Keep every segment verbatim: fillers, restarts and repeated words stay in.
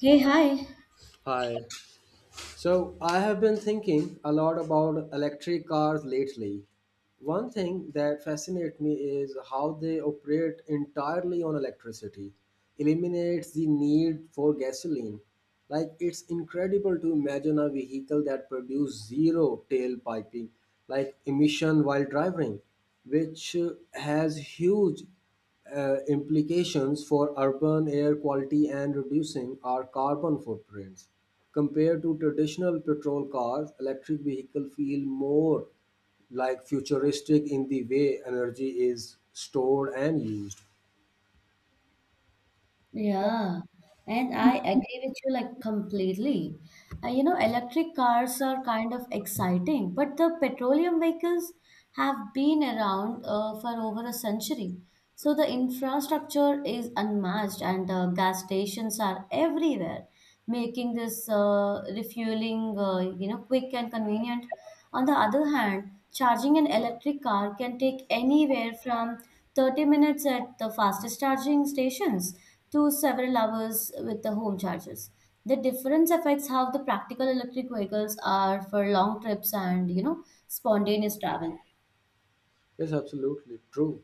Hey, hi. Hi. So I have been thinking a lot about electric cars lately. One thing that fascinates me is how they operate entirely on electricity, eliminates the need for gasoline. Like it's incredible to imagine a vehicle that produces zero tailpiping, like emission while driving, which uh, has huge uh, implications for urban air quality and reducing our carbon footprints. Compared to traditional petrol cars, electric vehicles feel more like futuristic in the way energy is stored and used. Yeah, and I agree with you like completely. Uh, you know, electric cars are kind of exciting, but the petroleum vehicles have been around uh, for over a century. So the infrastructure is unmatched, and uh, gas stations are everywhere, making this uh, refueling, uh, you know, quick and convenient. On the other hand, charging an electric car can take anywhere from thirty minutes at the fastest charging stations to several hours with the home charges. The difference affects how the practical electric vehicles are for long trips and you know spontaneous travel. Yes, absolutely true.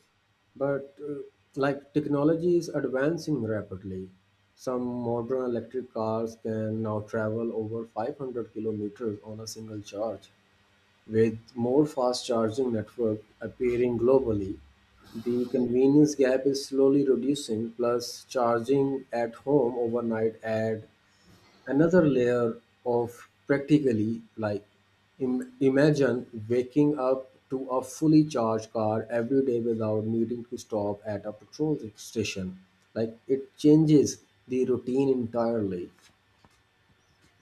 But uh, like technology is advancing rapidly. Some modern electric cars can now travel over five hundred kilometers on a single charge. With more fast charging networks appearing globally, the convenience gap is slowly reducing, plus charging at home overnight add another layer of practically like im- imagine waking up to a fully charged car every day without needing to stop at a petrol station. Like it changes the routine entirely.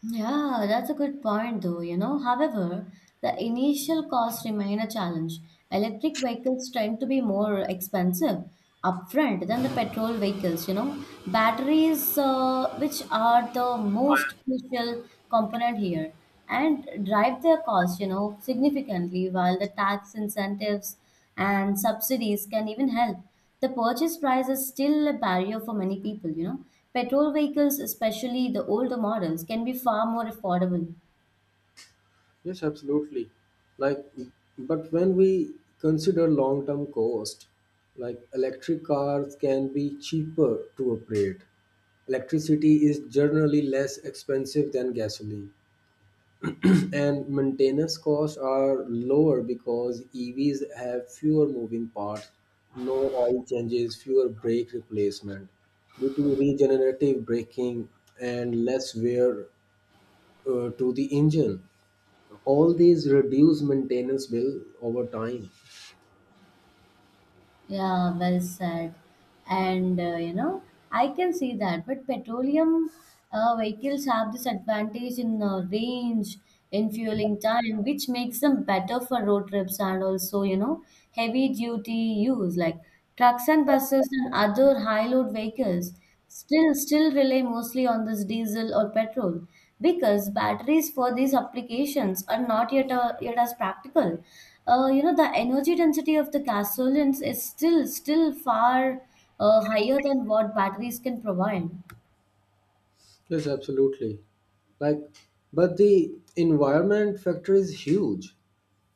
Yeah, that's a good point though, you know. However, the initial costs remain a challenge. Electric vehicles tend to be more expensive upfront than the petrol vehicles, you know. Batteries, uh, which are the most crucial component here, and drive their costs, you know, significantly, while the tax incentives and subsidies can even help. The purchase price is still a barrier for many people, you know. Petrol vehicles, especially the older models, can be far more affordable. Yes, absolutely. Like, but when we consider long term cost, like electric cars can be cheaper to operate. Electricity is generally less expensive than gasoline, and maintenance costs are lower because E Vs have fewer moving parts, no oil changes, fewer brake replacement due to regenerative braking and less wear uh, to the engine. All these reduce maintenance bill over time. Yeah, well said. And uh, you know, I can see that, but petroleum uh, vehicles have this advantage in uh, range, in fueling time, which makes them better for road trips and also, you know, heavy duty use like trucks and buses and other high load vehicles. still still rely mostly on this diesel or petrol because batteries for these applications are not yet uh, yet as practical. Uh, you know the energy density of the gasolines is still still far uh, higher than what batteries can provide. Yes, absolutely. Like, but the environment factor is huge.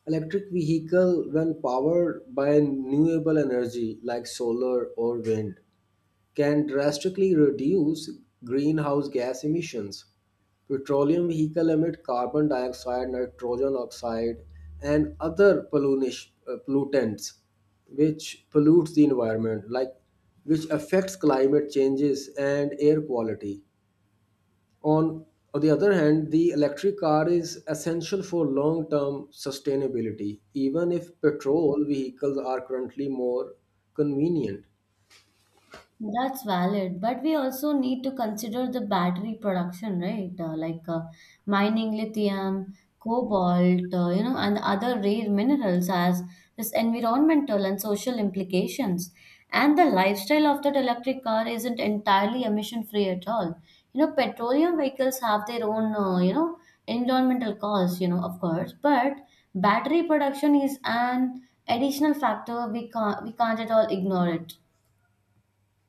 Electric vehicle, when powered by renewable energy like solar or wind, can drastically reduce greenhouse gas emissions. Petroleum vehicles emit carbon dioxide, nitrogen oxide, and other pollunish- uh, pollutants, which pollutes the environment, like which affects climate changes and air quality. On, on the other hand, the electric car is essential for long-term sustainability, even if petrol vehicles are currently more convenient. That's valid, but we also need to consider the battery production, right? Uh, like uh, mining lithium, cobalt, uh, you know, and other rare minerals as this environmental and social implications. And the lifestyle of that electric car isn't entirely emission free at all. You know, petroleum vehicles have their own, uh, you know, environmental costs, you know, of course, but battery production is an additional factor we can't we can't at all ignore it.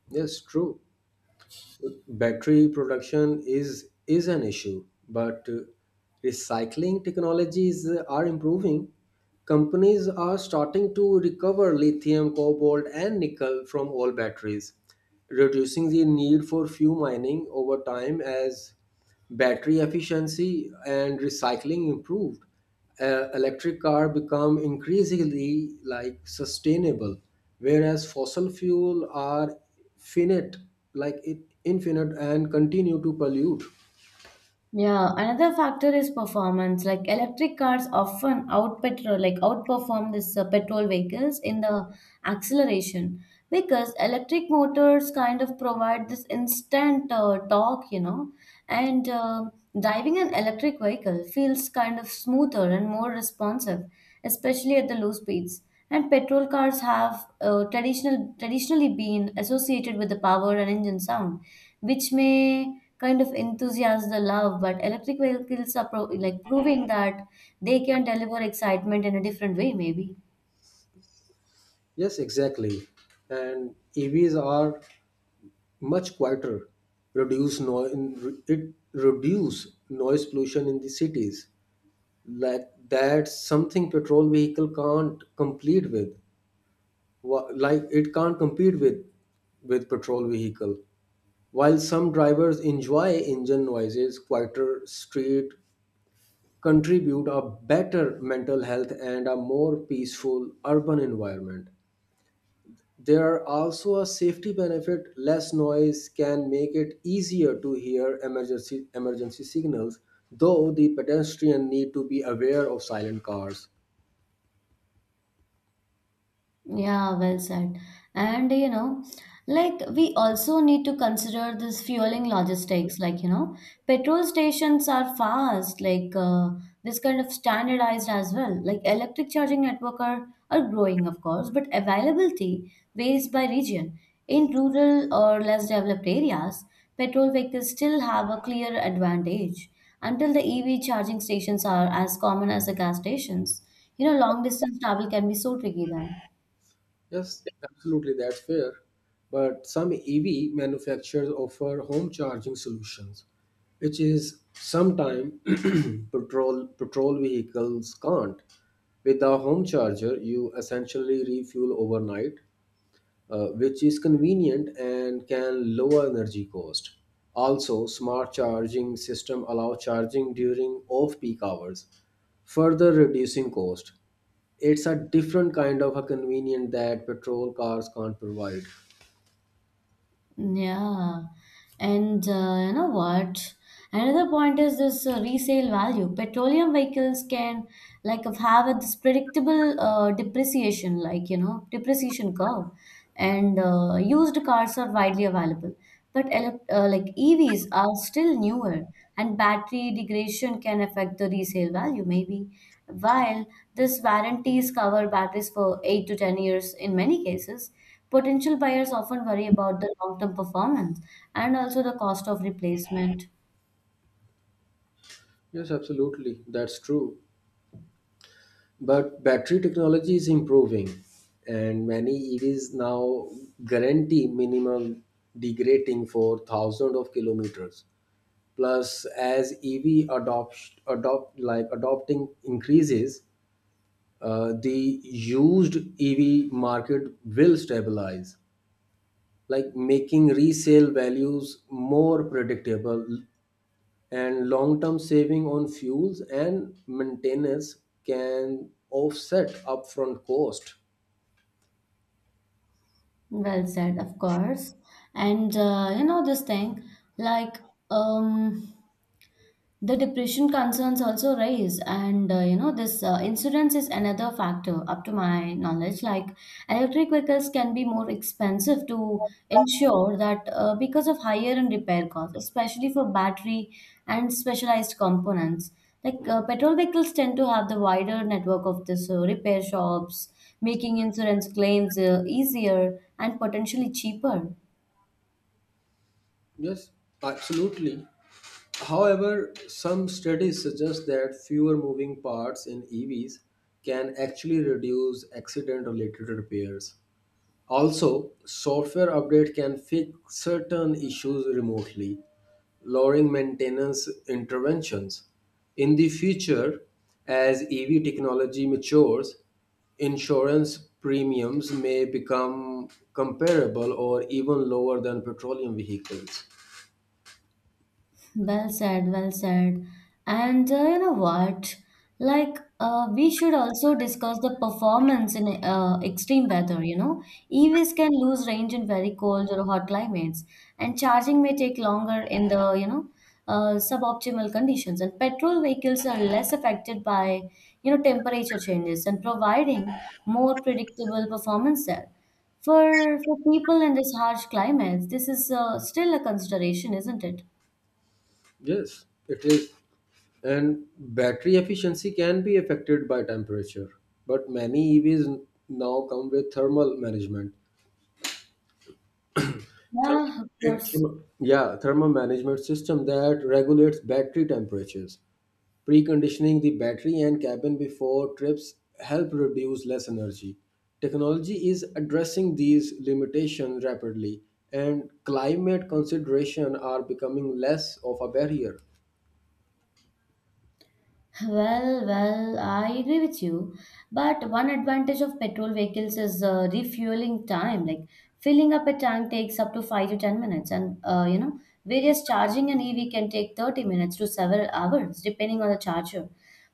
Yes, true. Battery production is is an issue, but uh, recycling technologies uh, are improving. Companies are starting to recover lithium, cobalt, and nickel from all batteries, reducing the need for fuel mining over time. As battery efficiency and recycling improved, uh, electric car become increasingly like sustainable, whereas fossil fuel are finite, like it infinite and continue to pollute. Yeah, another factor is performance. Like electric cars often out petrol, like outperform this uh, petrol vehicles in the acceleration because electric motors kind of provide this instant uh, torque, you know, and uh, driving an electric vehicle feels kind of smoother and more responsive, especially at the low speeds. And petrol cars have uh, traditional traditionally been associated with the power and engine sound, which may kind of enthusiasm the love. But electric vehicles are pro- like proving that they can deliver excitement in a different way, maybe. Yes, exactly. And EVs are much quieter, reduce noise. It reduce noise pollution in the cities. Like that's something petrol vehicle can't complete with. Wha- like it can't compete with with petrol vehicle, while some drivers enjoy engine noises, quieter street contribute a better mental health and a more peaceful urban environment. There are also a safety benefit. Less noise can make it easier to hear emergency emergency signals, though the pedestrian need to be aware of silent cars. Yeah, well said. And you know, like we also need to consider this fueling logistics. Like, you know, petrol stations are fast, like uh, this kind of standardized as well. Like electric charging network are, are growing, of course, but availability varies by region. In rural or less developed areas, petrol vehicles still have a clear advantage until the E V charging stations are as common as the gas stations. You know, long distance travel can be so tricky then. Yes, absolutely, that's fair. But some E V manufacturers offer home charging solutions, which is sometimes patrol patrol vehicles can't. With a home charger, you essentially refuel overnight, uh, which is convenient and can lower energy cost. Also, smart charging system allow charging during off-peak hours, further reducing cost. It's a different kind of a convenience that petrol cars can't provide. Yeah. And uh, you know what? Another point is this uh, resale value. Petroleum vehicles can like have a this predictable uh, depreciation, like you know depreciation curve, and uh, used cars are widely available. But elec- uh, like E Vs are still newer, and battery degradation can affect the resale value maybe. While this warranties cover batteries for eight to ten years in many cases, potential buyers often worry about the long-term performance and also the cost of replacement. Yes, absolutely. That's true. But battery technology is improving, and many E Vs now guarantee minimal degrading for thousands of kilometers. Plus, as E V adopt, adopt like adopting increases, uh, the used E V market will stabilize, like making resale values more predictable, and long-term saving on fuels and maintenance can offset upfront cost. Well said, of course. And uh, you know this thing, like um, the depression concerns also rise, and uh, you know this uh, insurance is another factor, up to my knowledge. Like electric vehicles can be more expensive to insure that uh, because of higher and repair costs, especially for battery and specialized components. Like uh, petrol vehicles tend to have the wider network of this uh, repair shops, making insurance claims uh, easier and potentially cheaper. Yes, absolutely. However, some studies suggest that fewer moving parts in EVs can actually reduce accident related repairs. Also, software update can fix certain issues remotely, lowering maintenance interventions. In the future, as E V technology matures, insurance premiums may become comparable or even lower than petroleum vehicles. Well said, well said. And uh, you know what? Like, uh, We should also discuss the performance in uh, extreme weather, you know. E Vs can lose range in very cold or hot climates, and charging may take longer in the, you know, uh, suboptimal conditions. And petrol vehicles are less affected by, you know, temperature changes and providing more predictable performance there. For for people in this harsh climates, this is uh, still a consideration, isn't it? Yes, it is. And battery efficiency can be affected by temperature, but many E Vs now come with thermal management. therm- Yeah, of it- course. therm- yeah, thermal management system that regulates battery temperatures. Preconditioning the battery and cabin before trips help reduce less energy. Technology is addressing these limitations rapidly, and climate considerations are becoming less of a barrier. Well, well, I agree with you. But one advantage of petrol vehicles is uh, refueling time. Like filling up a tank takes up to five to ten minutes, and uh, you know, various charging an E V can take thirty minutes to several hours, depending on the charger.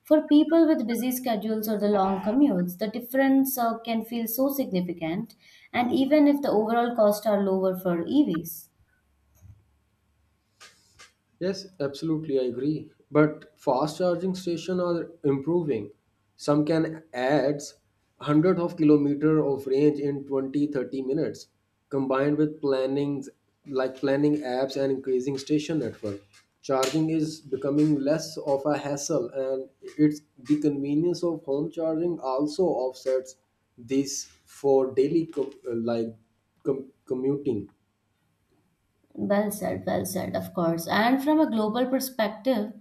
For people with busy schedules or the long commutes, the difference uh, can feel so significant, and even if the overall costs are lower for E Vs. Yes, absolutely, I agree. But fast charging stations are improving. Some can add hundreds of kilometers of range in twenty thirty minutes, combined with plannings like planning apps and increasing station network. Charging is becoming less of a hassle, and it's the convenience of home charging also offsets this for daily com- uh, like com- commuting. Well said, well said, of course. And from a global perspective,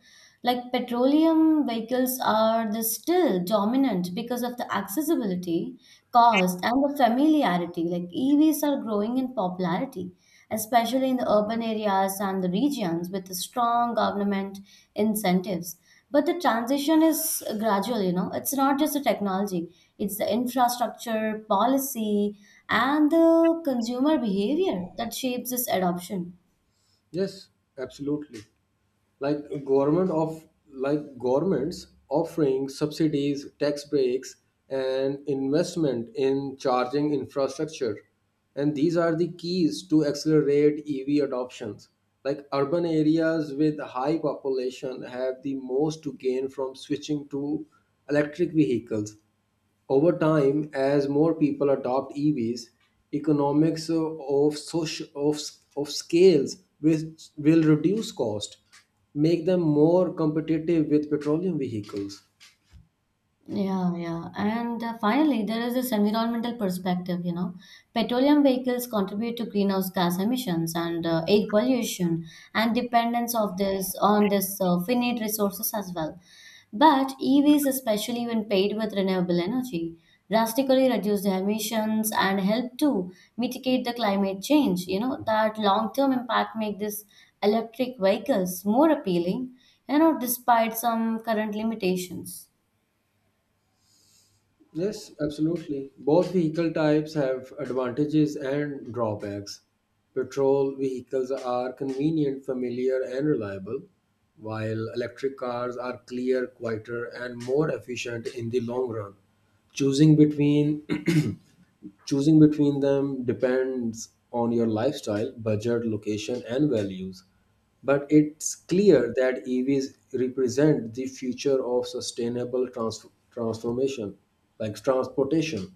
like petroleum vehicles are the still dominant because of the accessibility, cost, and the familiarity. Like E Vs are growing in popularity, especially in the urban areas and the regions with the strong government incentives. But the transition is gradual, you know. It's not just the technology, it's the infrastructure, policy, and the consumer behavior that shapes this adoption. Yes, absolutely. Like government of like governments offering subsidies, tax breaks, and investment in charging infrastructure, and these are the keys to accelerate EV adoptions. Like urban areas with high population have the most to gain from switching to electric vehicles. Over time, as more people adopt E Vs, economics of, soci- of, of scales will, will reduce cost, make them more competitive with petroleum vehicles. Yeah, yeah. And uh, finally, there is this environmental perspective, you know. Petroleum vehicles contribute to greenhouse gas emissions and uh, air pollution and dependence of this on this uh, finite resources as well. But E Vs, especially when paired with renewable energy, drastically reduce the emissions and help to mitigate the climate change. You know, that long-term impact make these electric vehicles more appealing, you know, despite some current limitations. Yes, absolutely. Both vehicle types have advantages and drawbacks. Petrol vehicles are convenient, familiar, and reliable, while electric cars are clear, quieter, and more efficient in the long run. Choosing between Choosing between them depends on your lifestyle, budget, location, and values. But it's clear that E Vs represent the future of sustainable trans- transformation, like transportation.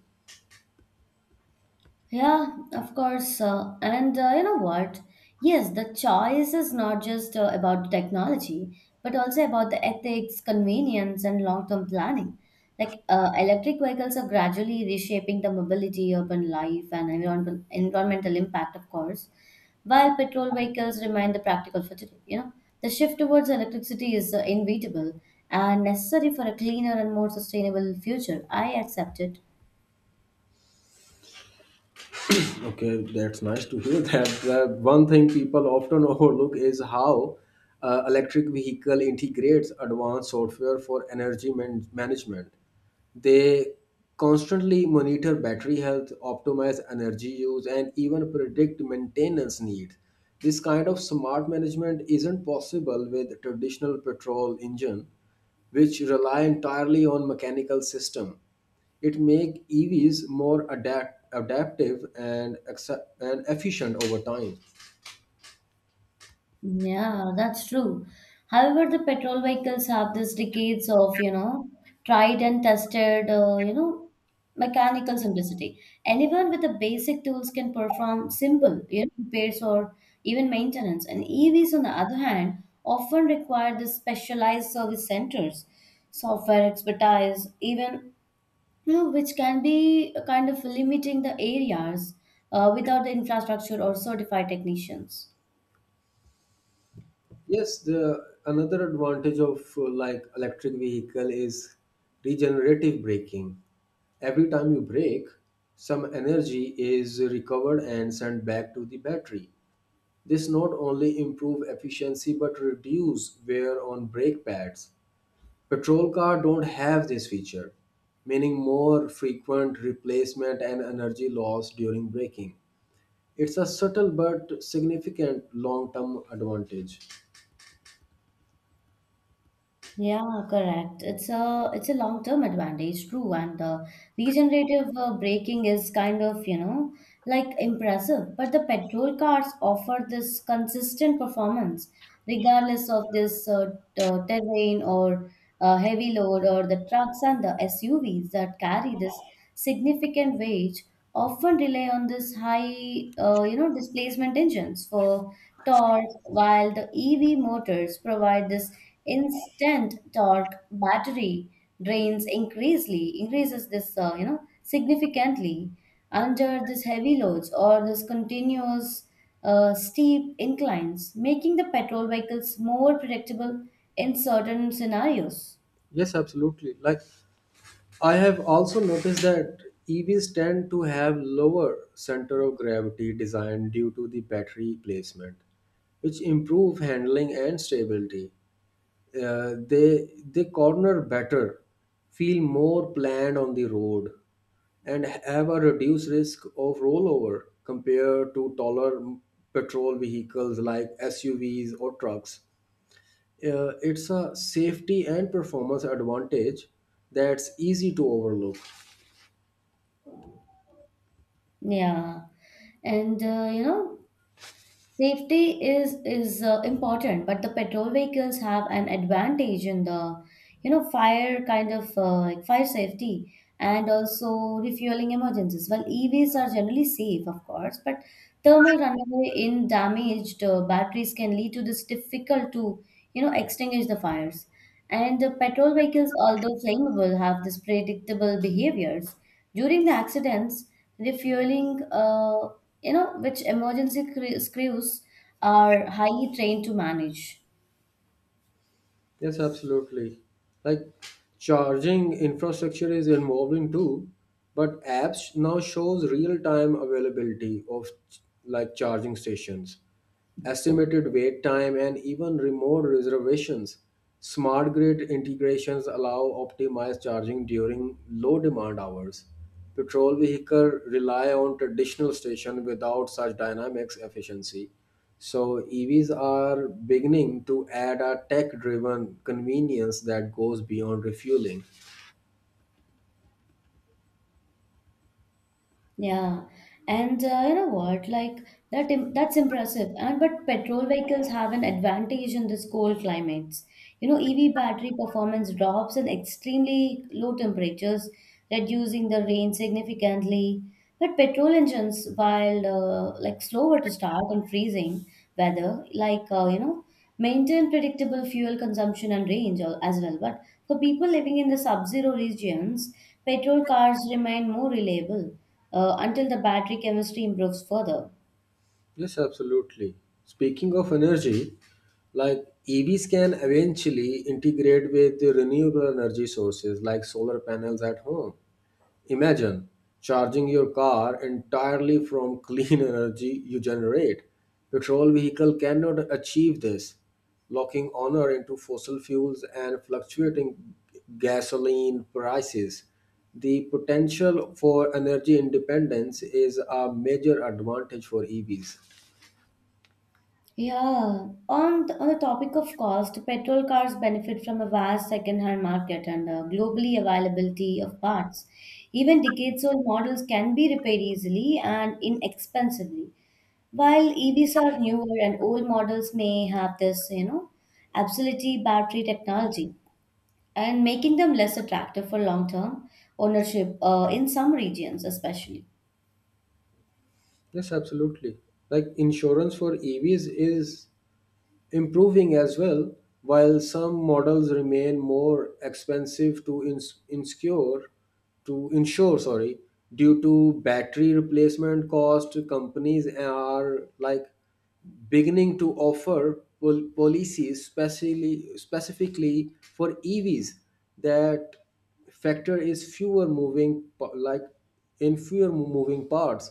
Yeah, of course. Uh, and uh, you know what? Yes, the choice is not just uh, about technology, but also about the ethics, convenience, and long-term planning. Like uh, electric vehicles are gradually reshaping the mobility, urban life, and environmental environmental impact, of course, while petrol vehicles remain the practical for today. You know, the shift towards electricity is uh, inevitable and necessary for a cleaner and more sustainable future. I accept it. Okay, that's nice to hear that. Uh, one thing people often overlook is how uh, electric vehicle integrates advanced software for energy man- management. They constantly monitor battery health, optimize energy use, and even predict maintenance needs. This kind of smart management isn't possible with traditional petrol engine, which rely entirely on mechanical system. It make E Vs more adapt, adaptive and acce- and efficient over time. Yeah, that's true. However, the petrol vehicles have these decades of, you know, tried and tested, uh, you know, mechanical simplicity. Anyone with the basic tools can perform simple, you know, repairs or even maintenance. And E Vs, on the other hand, often require the specialized service centers, software expertise, even, you know, which can be kind of limiting the areas uh, without the infrastructure or certified technicians. Yes, the another advantage of uh, like electric vehicle is regenerative braking. Every time you brake, some energy is recovered and sent back to the battery. This not only improve efficiency but reduce wear on brake pads. Petrol car don't have this feature, meaning more frequent replacement and energy loss during braking. It's a subtle but significant long term advantage. Yeah, correct. It's a it's a long-term advantage, true. And the regenerative uh, braking is kind of, you know, like impressive. But the petrol cars offer this consistent performance, regardless of this uh, t- uh, terrain or uh, heavy load or the trucks and the S U Vs that carry this significant weight often rely on this high, uh, you know, displacement engines for torque, while the E V motors provide this instant torque. Battery drains increasingly increases this, uh, you know, significantly under this heavy loads or this continuous uh, steep inclines, making the petrol vehicles more predictable in certain scenarios. Yes, absolutely. Like, I have also noticed that E Vs tend to have lower center of gravity design due to the battery placement, which improve handling and stability. Uh, they they corner better, feel more planned on the road, and have a reduced risk of rollover compared to taller petrol vehicles like S U Vs or trucks. Uh, it's a safety and performance advantage that's easy to overlook. Yeah and uh, you know Safety is is uh, important, but the petrol vehicles have an advantage in the you know fire kind of uh, like fire safety and also refueling emergencies. Well, EVs are generally safe of course, but thermal runaway in damaged uh, batteries can lead to this difficult to you know extinguish the fires, and the petrol vehicles, although flammable, have this predictable behaviors during the accidents refueling, uh, you know which emergency cre- crews are highly trained to manage. Yes, absolutely. Like charging infrastructure is evolving too, but apps now shows real-time availability of like charging stations, estimated wait time, and even remote reservations. Smart grid integrations allow optimized charging during low demand hours. Petrol vehicles rely on traditional station without such dynamics efficiency. So E Vs are beginning to add a tech-driven convenience that goes beyond refueling. Yeah, and uh, you know what? Like that, im- That's impressive. And but petrol vehicles have an advantage in this cold climates. You know, E V battery performance drops in extremely low temperatures, reducing the range significantly. But petrol engines, while uh, like slower to start in freezing weather, like uh, you know, maintain predictable fuel consumption and range al- as well. But for people living in the sub zero regions, petrol cars remain more reliable uh, until the battery chemistry improves further. Yes, absolutely. Speaking of energy, like E Vs can eventually integrate with the renewable energy sources like solar panels at home. Imagine charging your car entirely from clean energy you generate. Petrol vehicle cannot achieve this, locking honor into fossil fuels and fluctuating gasoline prices. The potential for energy independence is a major advantage for E Vs. Yeah, on the, on the topic of cost, petrol cars benefit from a vast second-hand market and uh, globally availability of parts. Even decades-old models can be repaired easily and inexpensively. While E Vs are newer and old models may have this, you know, obsolete battery technology and making them less attractive for long-term ownership uh, in some regions especially. Yes, absolutely. Like insurance for E Vs is improving as well, while some models remain more expensive to ins- insure to insure sorry due to battery replacement cost. Companies are like beginning to offer pol- policies specially, specifically for E Vs that factor is fewer moving pa- like in fewer moving parts,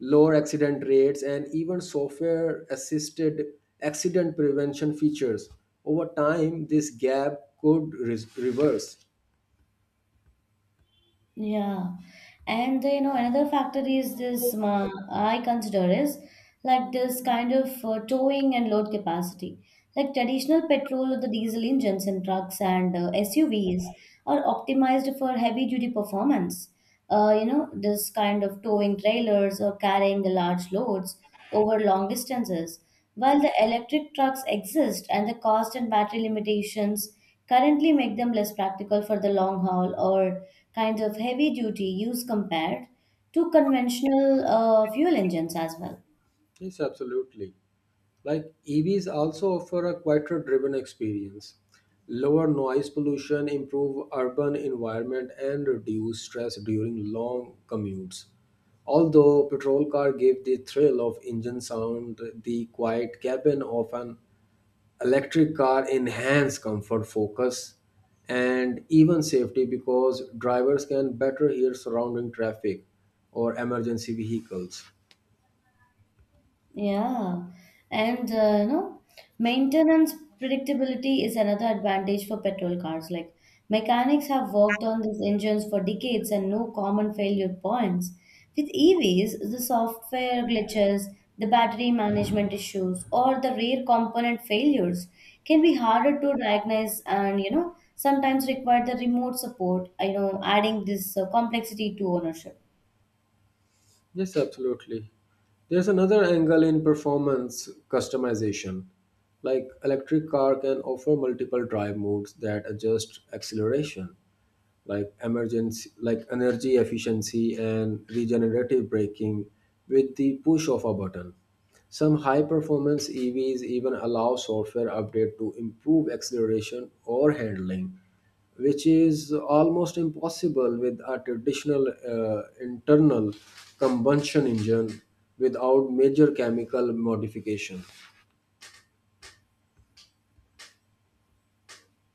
lower accident rates, and even software assisted accident prevention features. Over time, this gap could re- reverse. Yeah, and you know Another factor is this uh, I consider is like this kind of uh, towing and load capacity. Like traditional petrol or the diesel engines in trucks and uh, S U Vs are optimized for heavy duty performance. Uh, you know this kind of towing trailers or carrying the large loads over long distances. While the electric trucks exist and the cost and battery limitations currently make them less practical for the long haul or kinds of heavy duty use compared to conventional uh, fuel engines as well. Yes, absolutely. Like E Vs also offer a quieter driven experience, lower noise pollution, improve urban environment, and reduce stress during long commutes. Although petrol car give the thrill of engine sound, the quiet cabin of an electric car enhance comfort, focus, and even safety because drivers can better hear surrounding traffic or emergency vehicles. Yeah, and uh, no, maintenance predictability is another advantage for petrol cars. Like mechanics have worked on these engines for decades and no common failure points. With E Vs, the software glitches, the battery management issues, or the rare component failures can be harder to diagnose and you know sometimes require the remote support, you know, adding this uh, complexity to ownership. Yes, absolutely. There's another angle in performance customization. Like electric car can offer multiple drive modes that adjust acceleration, like emergency like energy efficiency and regenerative braking with the push of a button. Some high performance EVs even allow software update to improve acceleration or handling, which is almost impossible with a traditional uh, internal combustion engine without major chemical modification.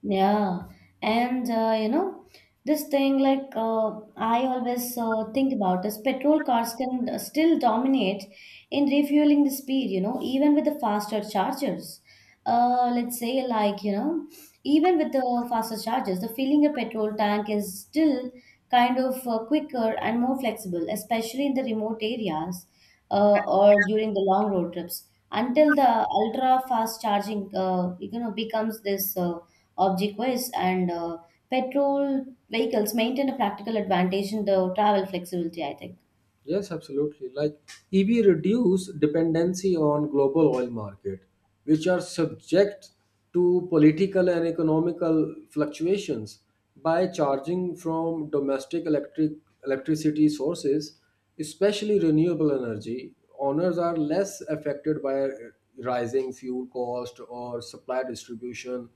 Yeah, and uh, you know, this thing like uh, I always uh, think about is petrol cars can uh, still dominate in refueling the speed, you know, even with the faster chargers. Uh, let's say like, you know, Even with the faster chargers, the filling a petrol tank is still kind of uh, quicker and more flexible, especially in the remote areas uh, or during the long road trips. Until the ultra fast charging, uh, you know, becomes this. Uh, object wise and uh, petrol vehicles maintain a practical advantage in the travel flexibility I think. Yes, absolutely. Like E V reduce dependency on global oil market, which are subject to political and economical fluctuations by charging from domestic electric electricity sources, especially renewable energy. Owners are less affected by rising fuel cost or supply distribution.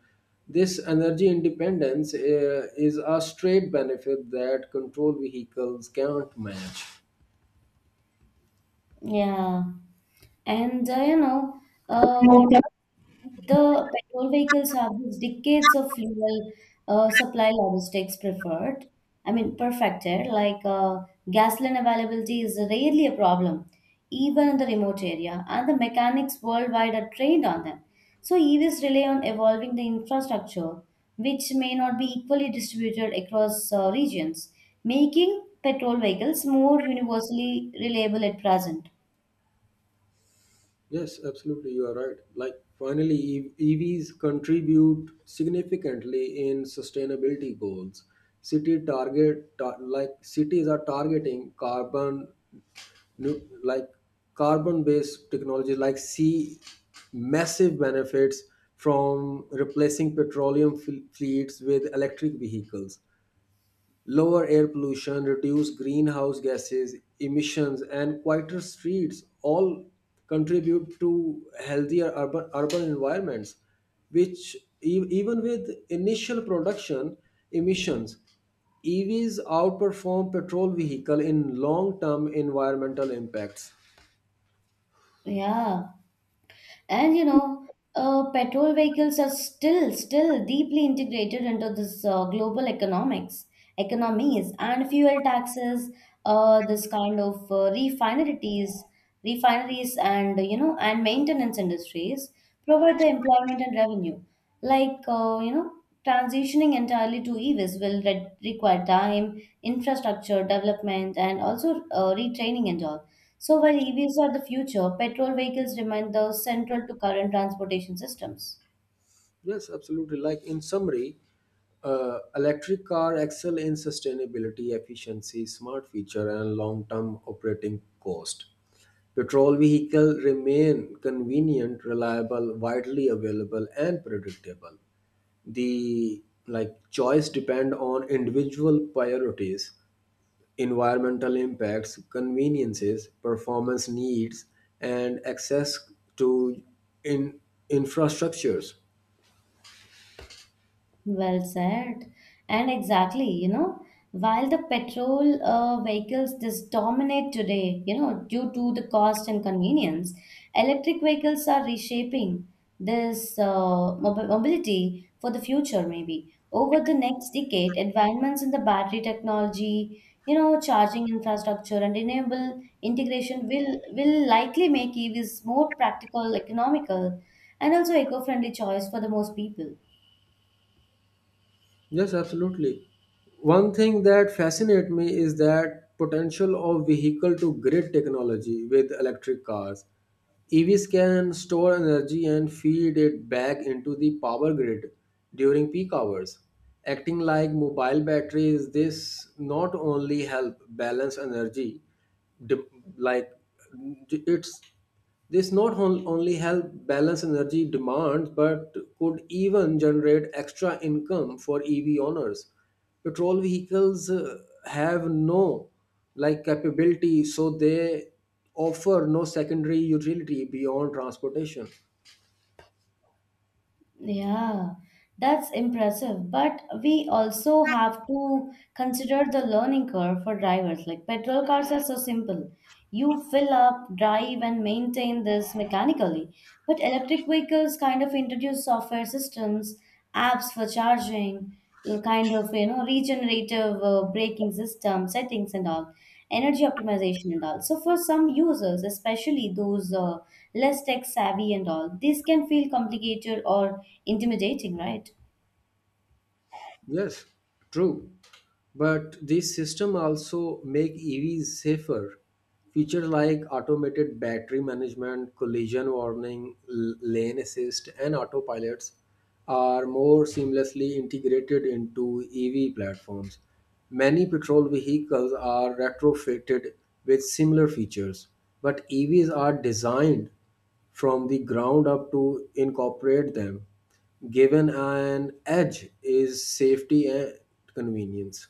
This energy independence uh, is a straight benefit that control vehicles can't match. Yeah and uh, you know uh, Okay. The petrol vehicles have these decades of fuel uh, supply logistics preferred. I mean, perfected. Like uh, gasoline availability is rarely a problem, even in the remote area, and the mechanics worldwide are trained on them. So E Vs rely on evolving the infrastructure, which may not be equally distributed across uh, regions, making petrol vehicles more universally reliable at present. Yes, absolutely. You are right. Like, finally, E- EVs contribute significantly in sustainability goals. City target, ta- like cities are targeting carbon, nu- like carbon-based technology, like see massive benefits from replacing petroleum fl- fleets with electric vehicles. Lower air pollution, reduced greenhouse gases emissions, and quieter streets all contribute to healthier urban, urban environments, which e- even with initial production emissions, E Vs outperform petrol vehicle in long-term environmental impacts. Yeah. and you know uh, Petrol vehicles are still still deeply integrated into this uh, global economics economies and fuel taxes, uh, this kind of uh, refineries refineries and you know and maintenance industries provide the employment and revenue. like uh, you know Transitioning entirely to EVs will re- require time, infrastructure development, and also uh, retraining and all. So while E Vs are the future, petrol vehicles remain the central to current transportation systems. Yes, absolutely. Like in summary, uh, electric car excel in sustainability, efficiency, smart feature, and long-term operating cost. Petrol vehicle remain convenient, reliable, widely available, and predictable. The like choice depend on individual priorities, environmental impacts, conveniences, performance needs, and access to in infrastructures. Well said. And exactly, you know, while the petrol uh, vehicles just dominate today, you know, due to the cost and convenience, electric vehicles are reshaping this uh, mobi- mobility for the future, maybe. Over the next decade, advancements in the battery technology, you know, charging infrastructure, and renewable integration will will likely make E Vs more practical, economical, and also eco-friendly choice for the most people. Yes, absolutely. One thing that fascinates me is that potential of vehicle to grid technology with electric cars. E Vs can store energy and feed it back into the power grid during peak hours. Acting like mobile batteries, this not only help balance energy, de- like it's this not on- only help balance energy demand but could even generate extra income for E V owners. Petrol vehicles uh, have no like capability so they offer no secondary utility beyond transportation. Yeah, that's impressive. But we also have to consider the learning curve for drivers. Like petrol cars are so simple. You fill up, drive, and maintain this mechanically. But electric vehicles kind of introduce software systems, apps for charging, l- kind of, you know, regenerative uh, braking system settings and all, energy optimization and all. So for some users, especially those uh, less tech savvy and all, this can feel complicated or intimidating, right? Yes, true. But this system also make E Vs safer. Features like automated battery management, collision warning, l- lane assist, and autopilots are more seamlessly integrated into E V platforms. Many petrol vehicles are retrofitted with similar features, but E Vs are designed from the ground up to incorporate them, given an edge is safety and convenience.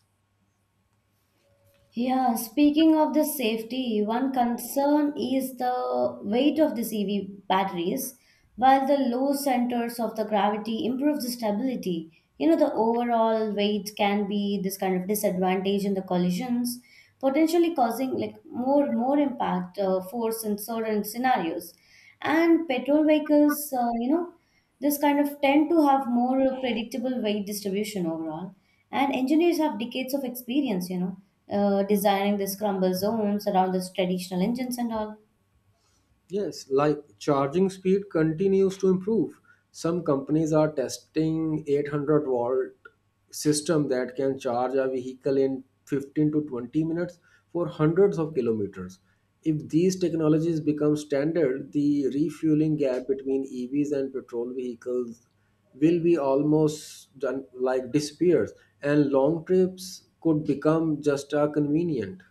Yeah, speaking of the safety, one concern is the weight of the E V batteries, while the low centers of the gravity improve the stability. You know, the overall weight can be this kind of disadvantage in the collisions, potentially causing like more more impact uh, force in certain scenarios. And petrol vehicles, uh, you know, this kind of tend to have more predictable weight distribution overall. And engineers have decades of experience, you know, uh, designing the crumble zones around the traditional engines and all. Yes, like charging speed continues to improve. Some companies are testing eight hundred volt system that can charge a vehicle in fifteen to twenty minutes for hundreds of kilometers. If these technologies become standard, the refueling gap between E Vs and petrol vehicles will be almost done, like disappears, and long trips could become just a convenient.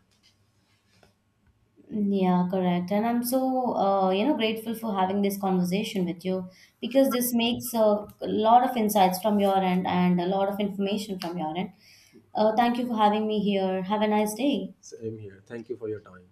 Yeah, correct. And I'm so, uh, you know, grateful for having this conversation with you because this makes a lot of insights from your end and a lot of information from your end. Uh, thank you for having me here. Have a nice day. Same here. Thank you for your time.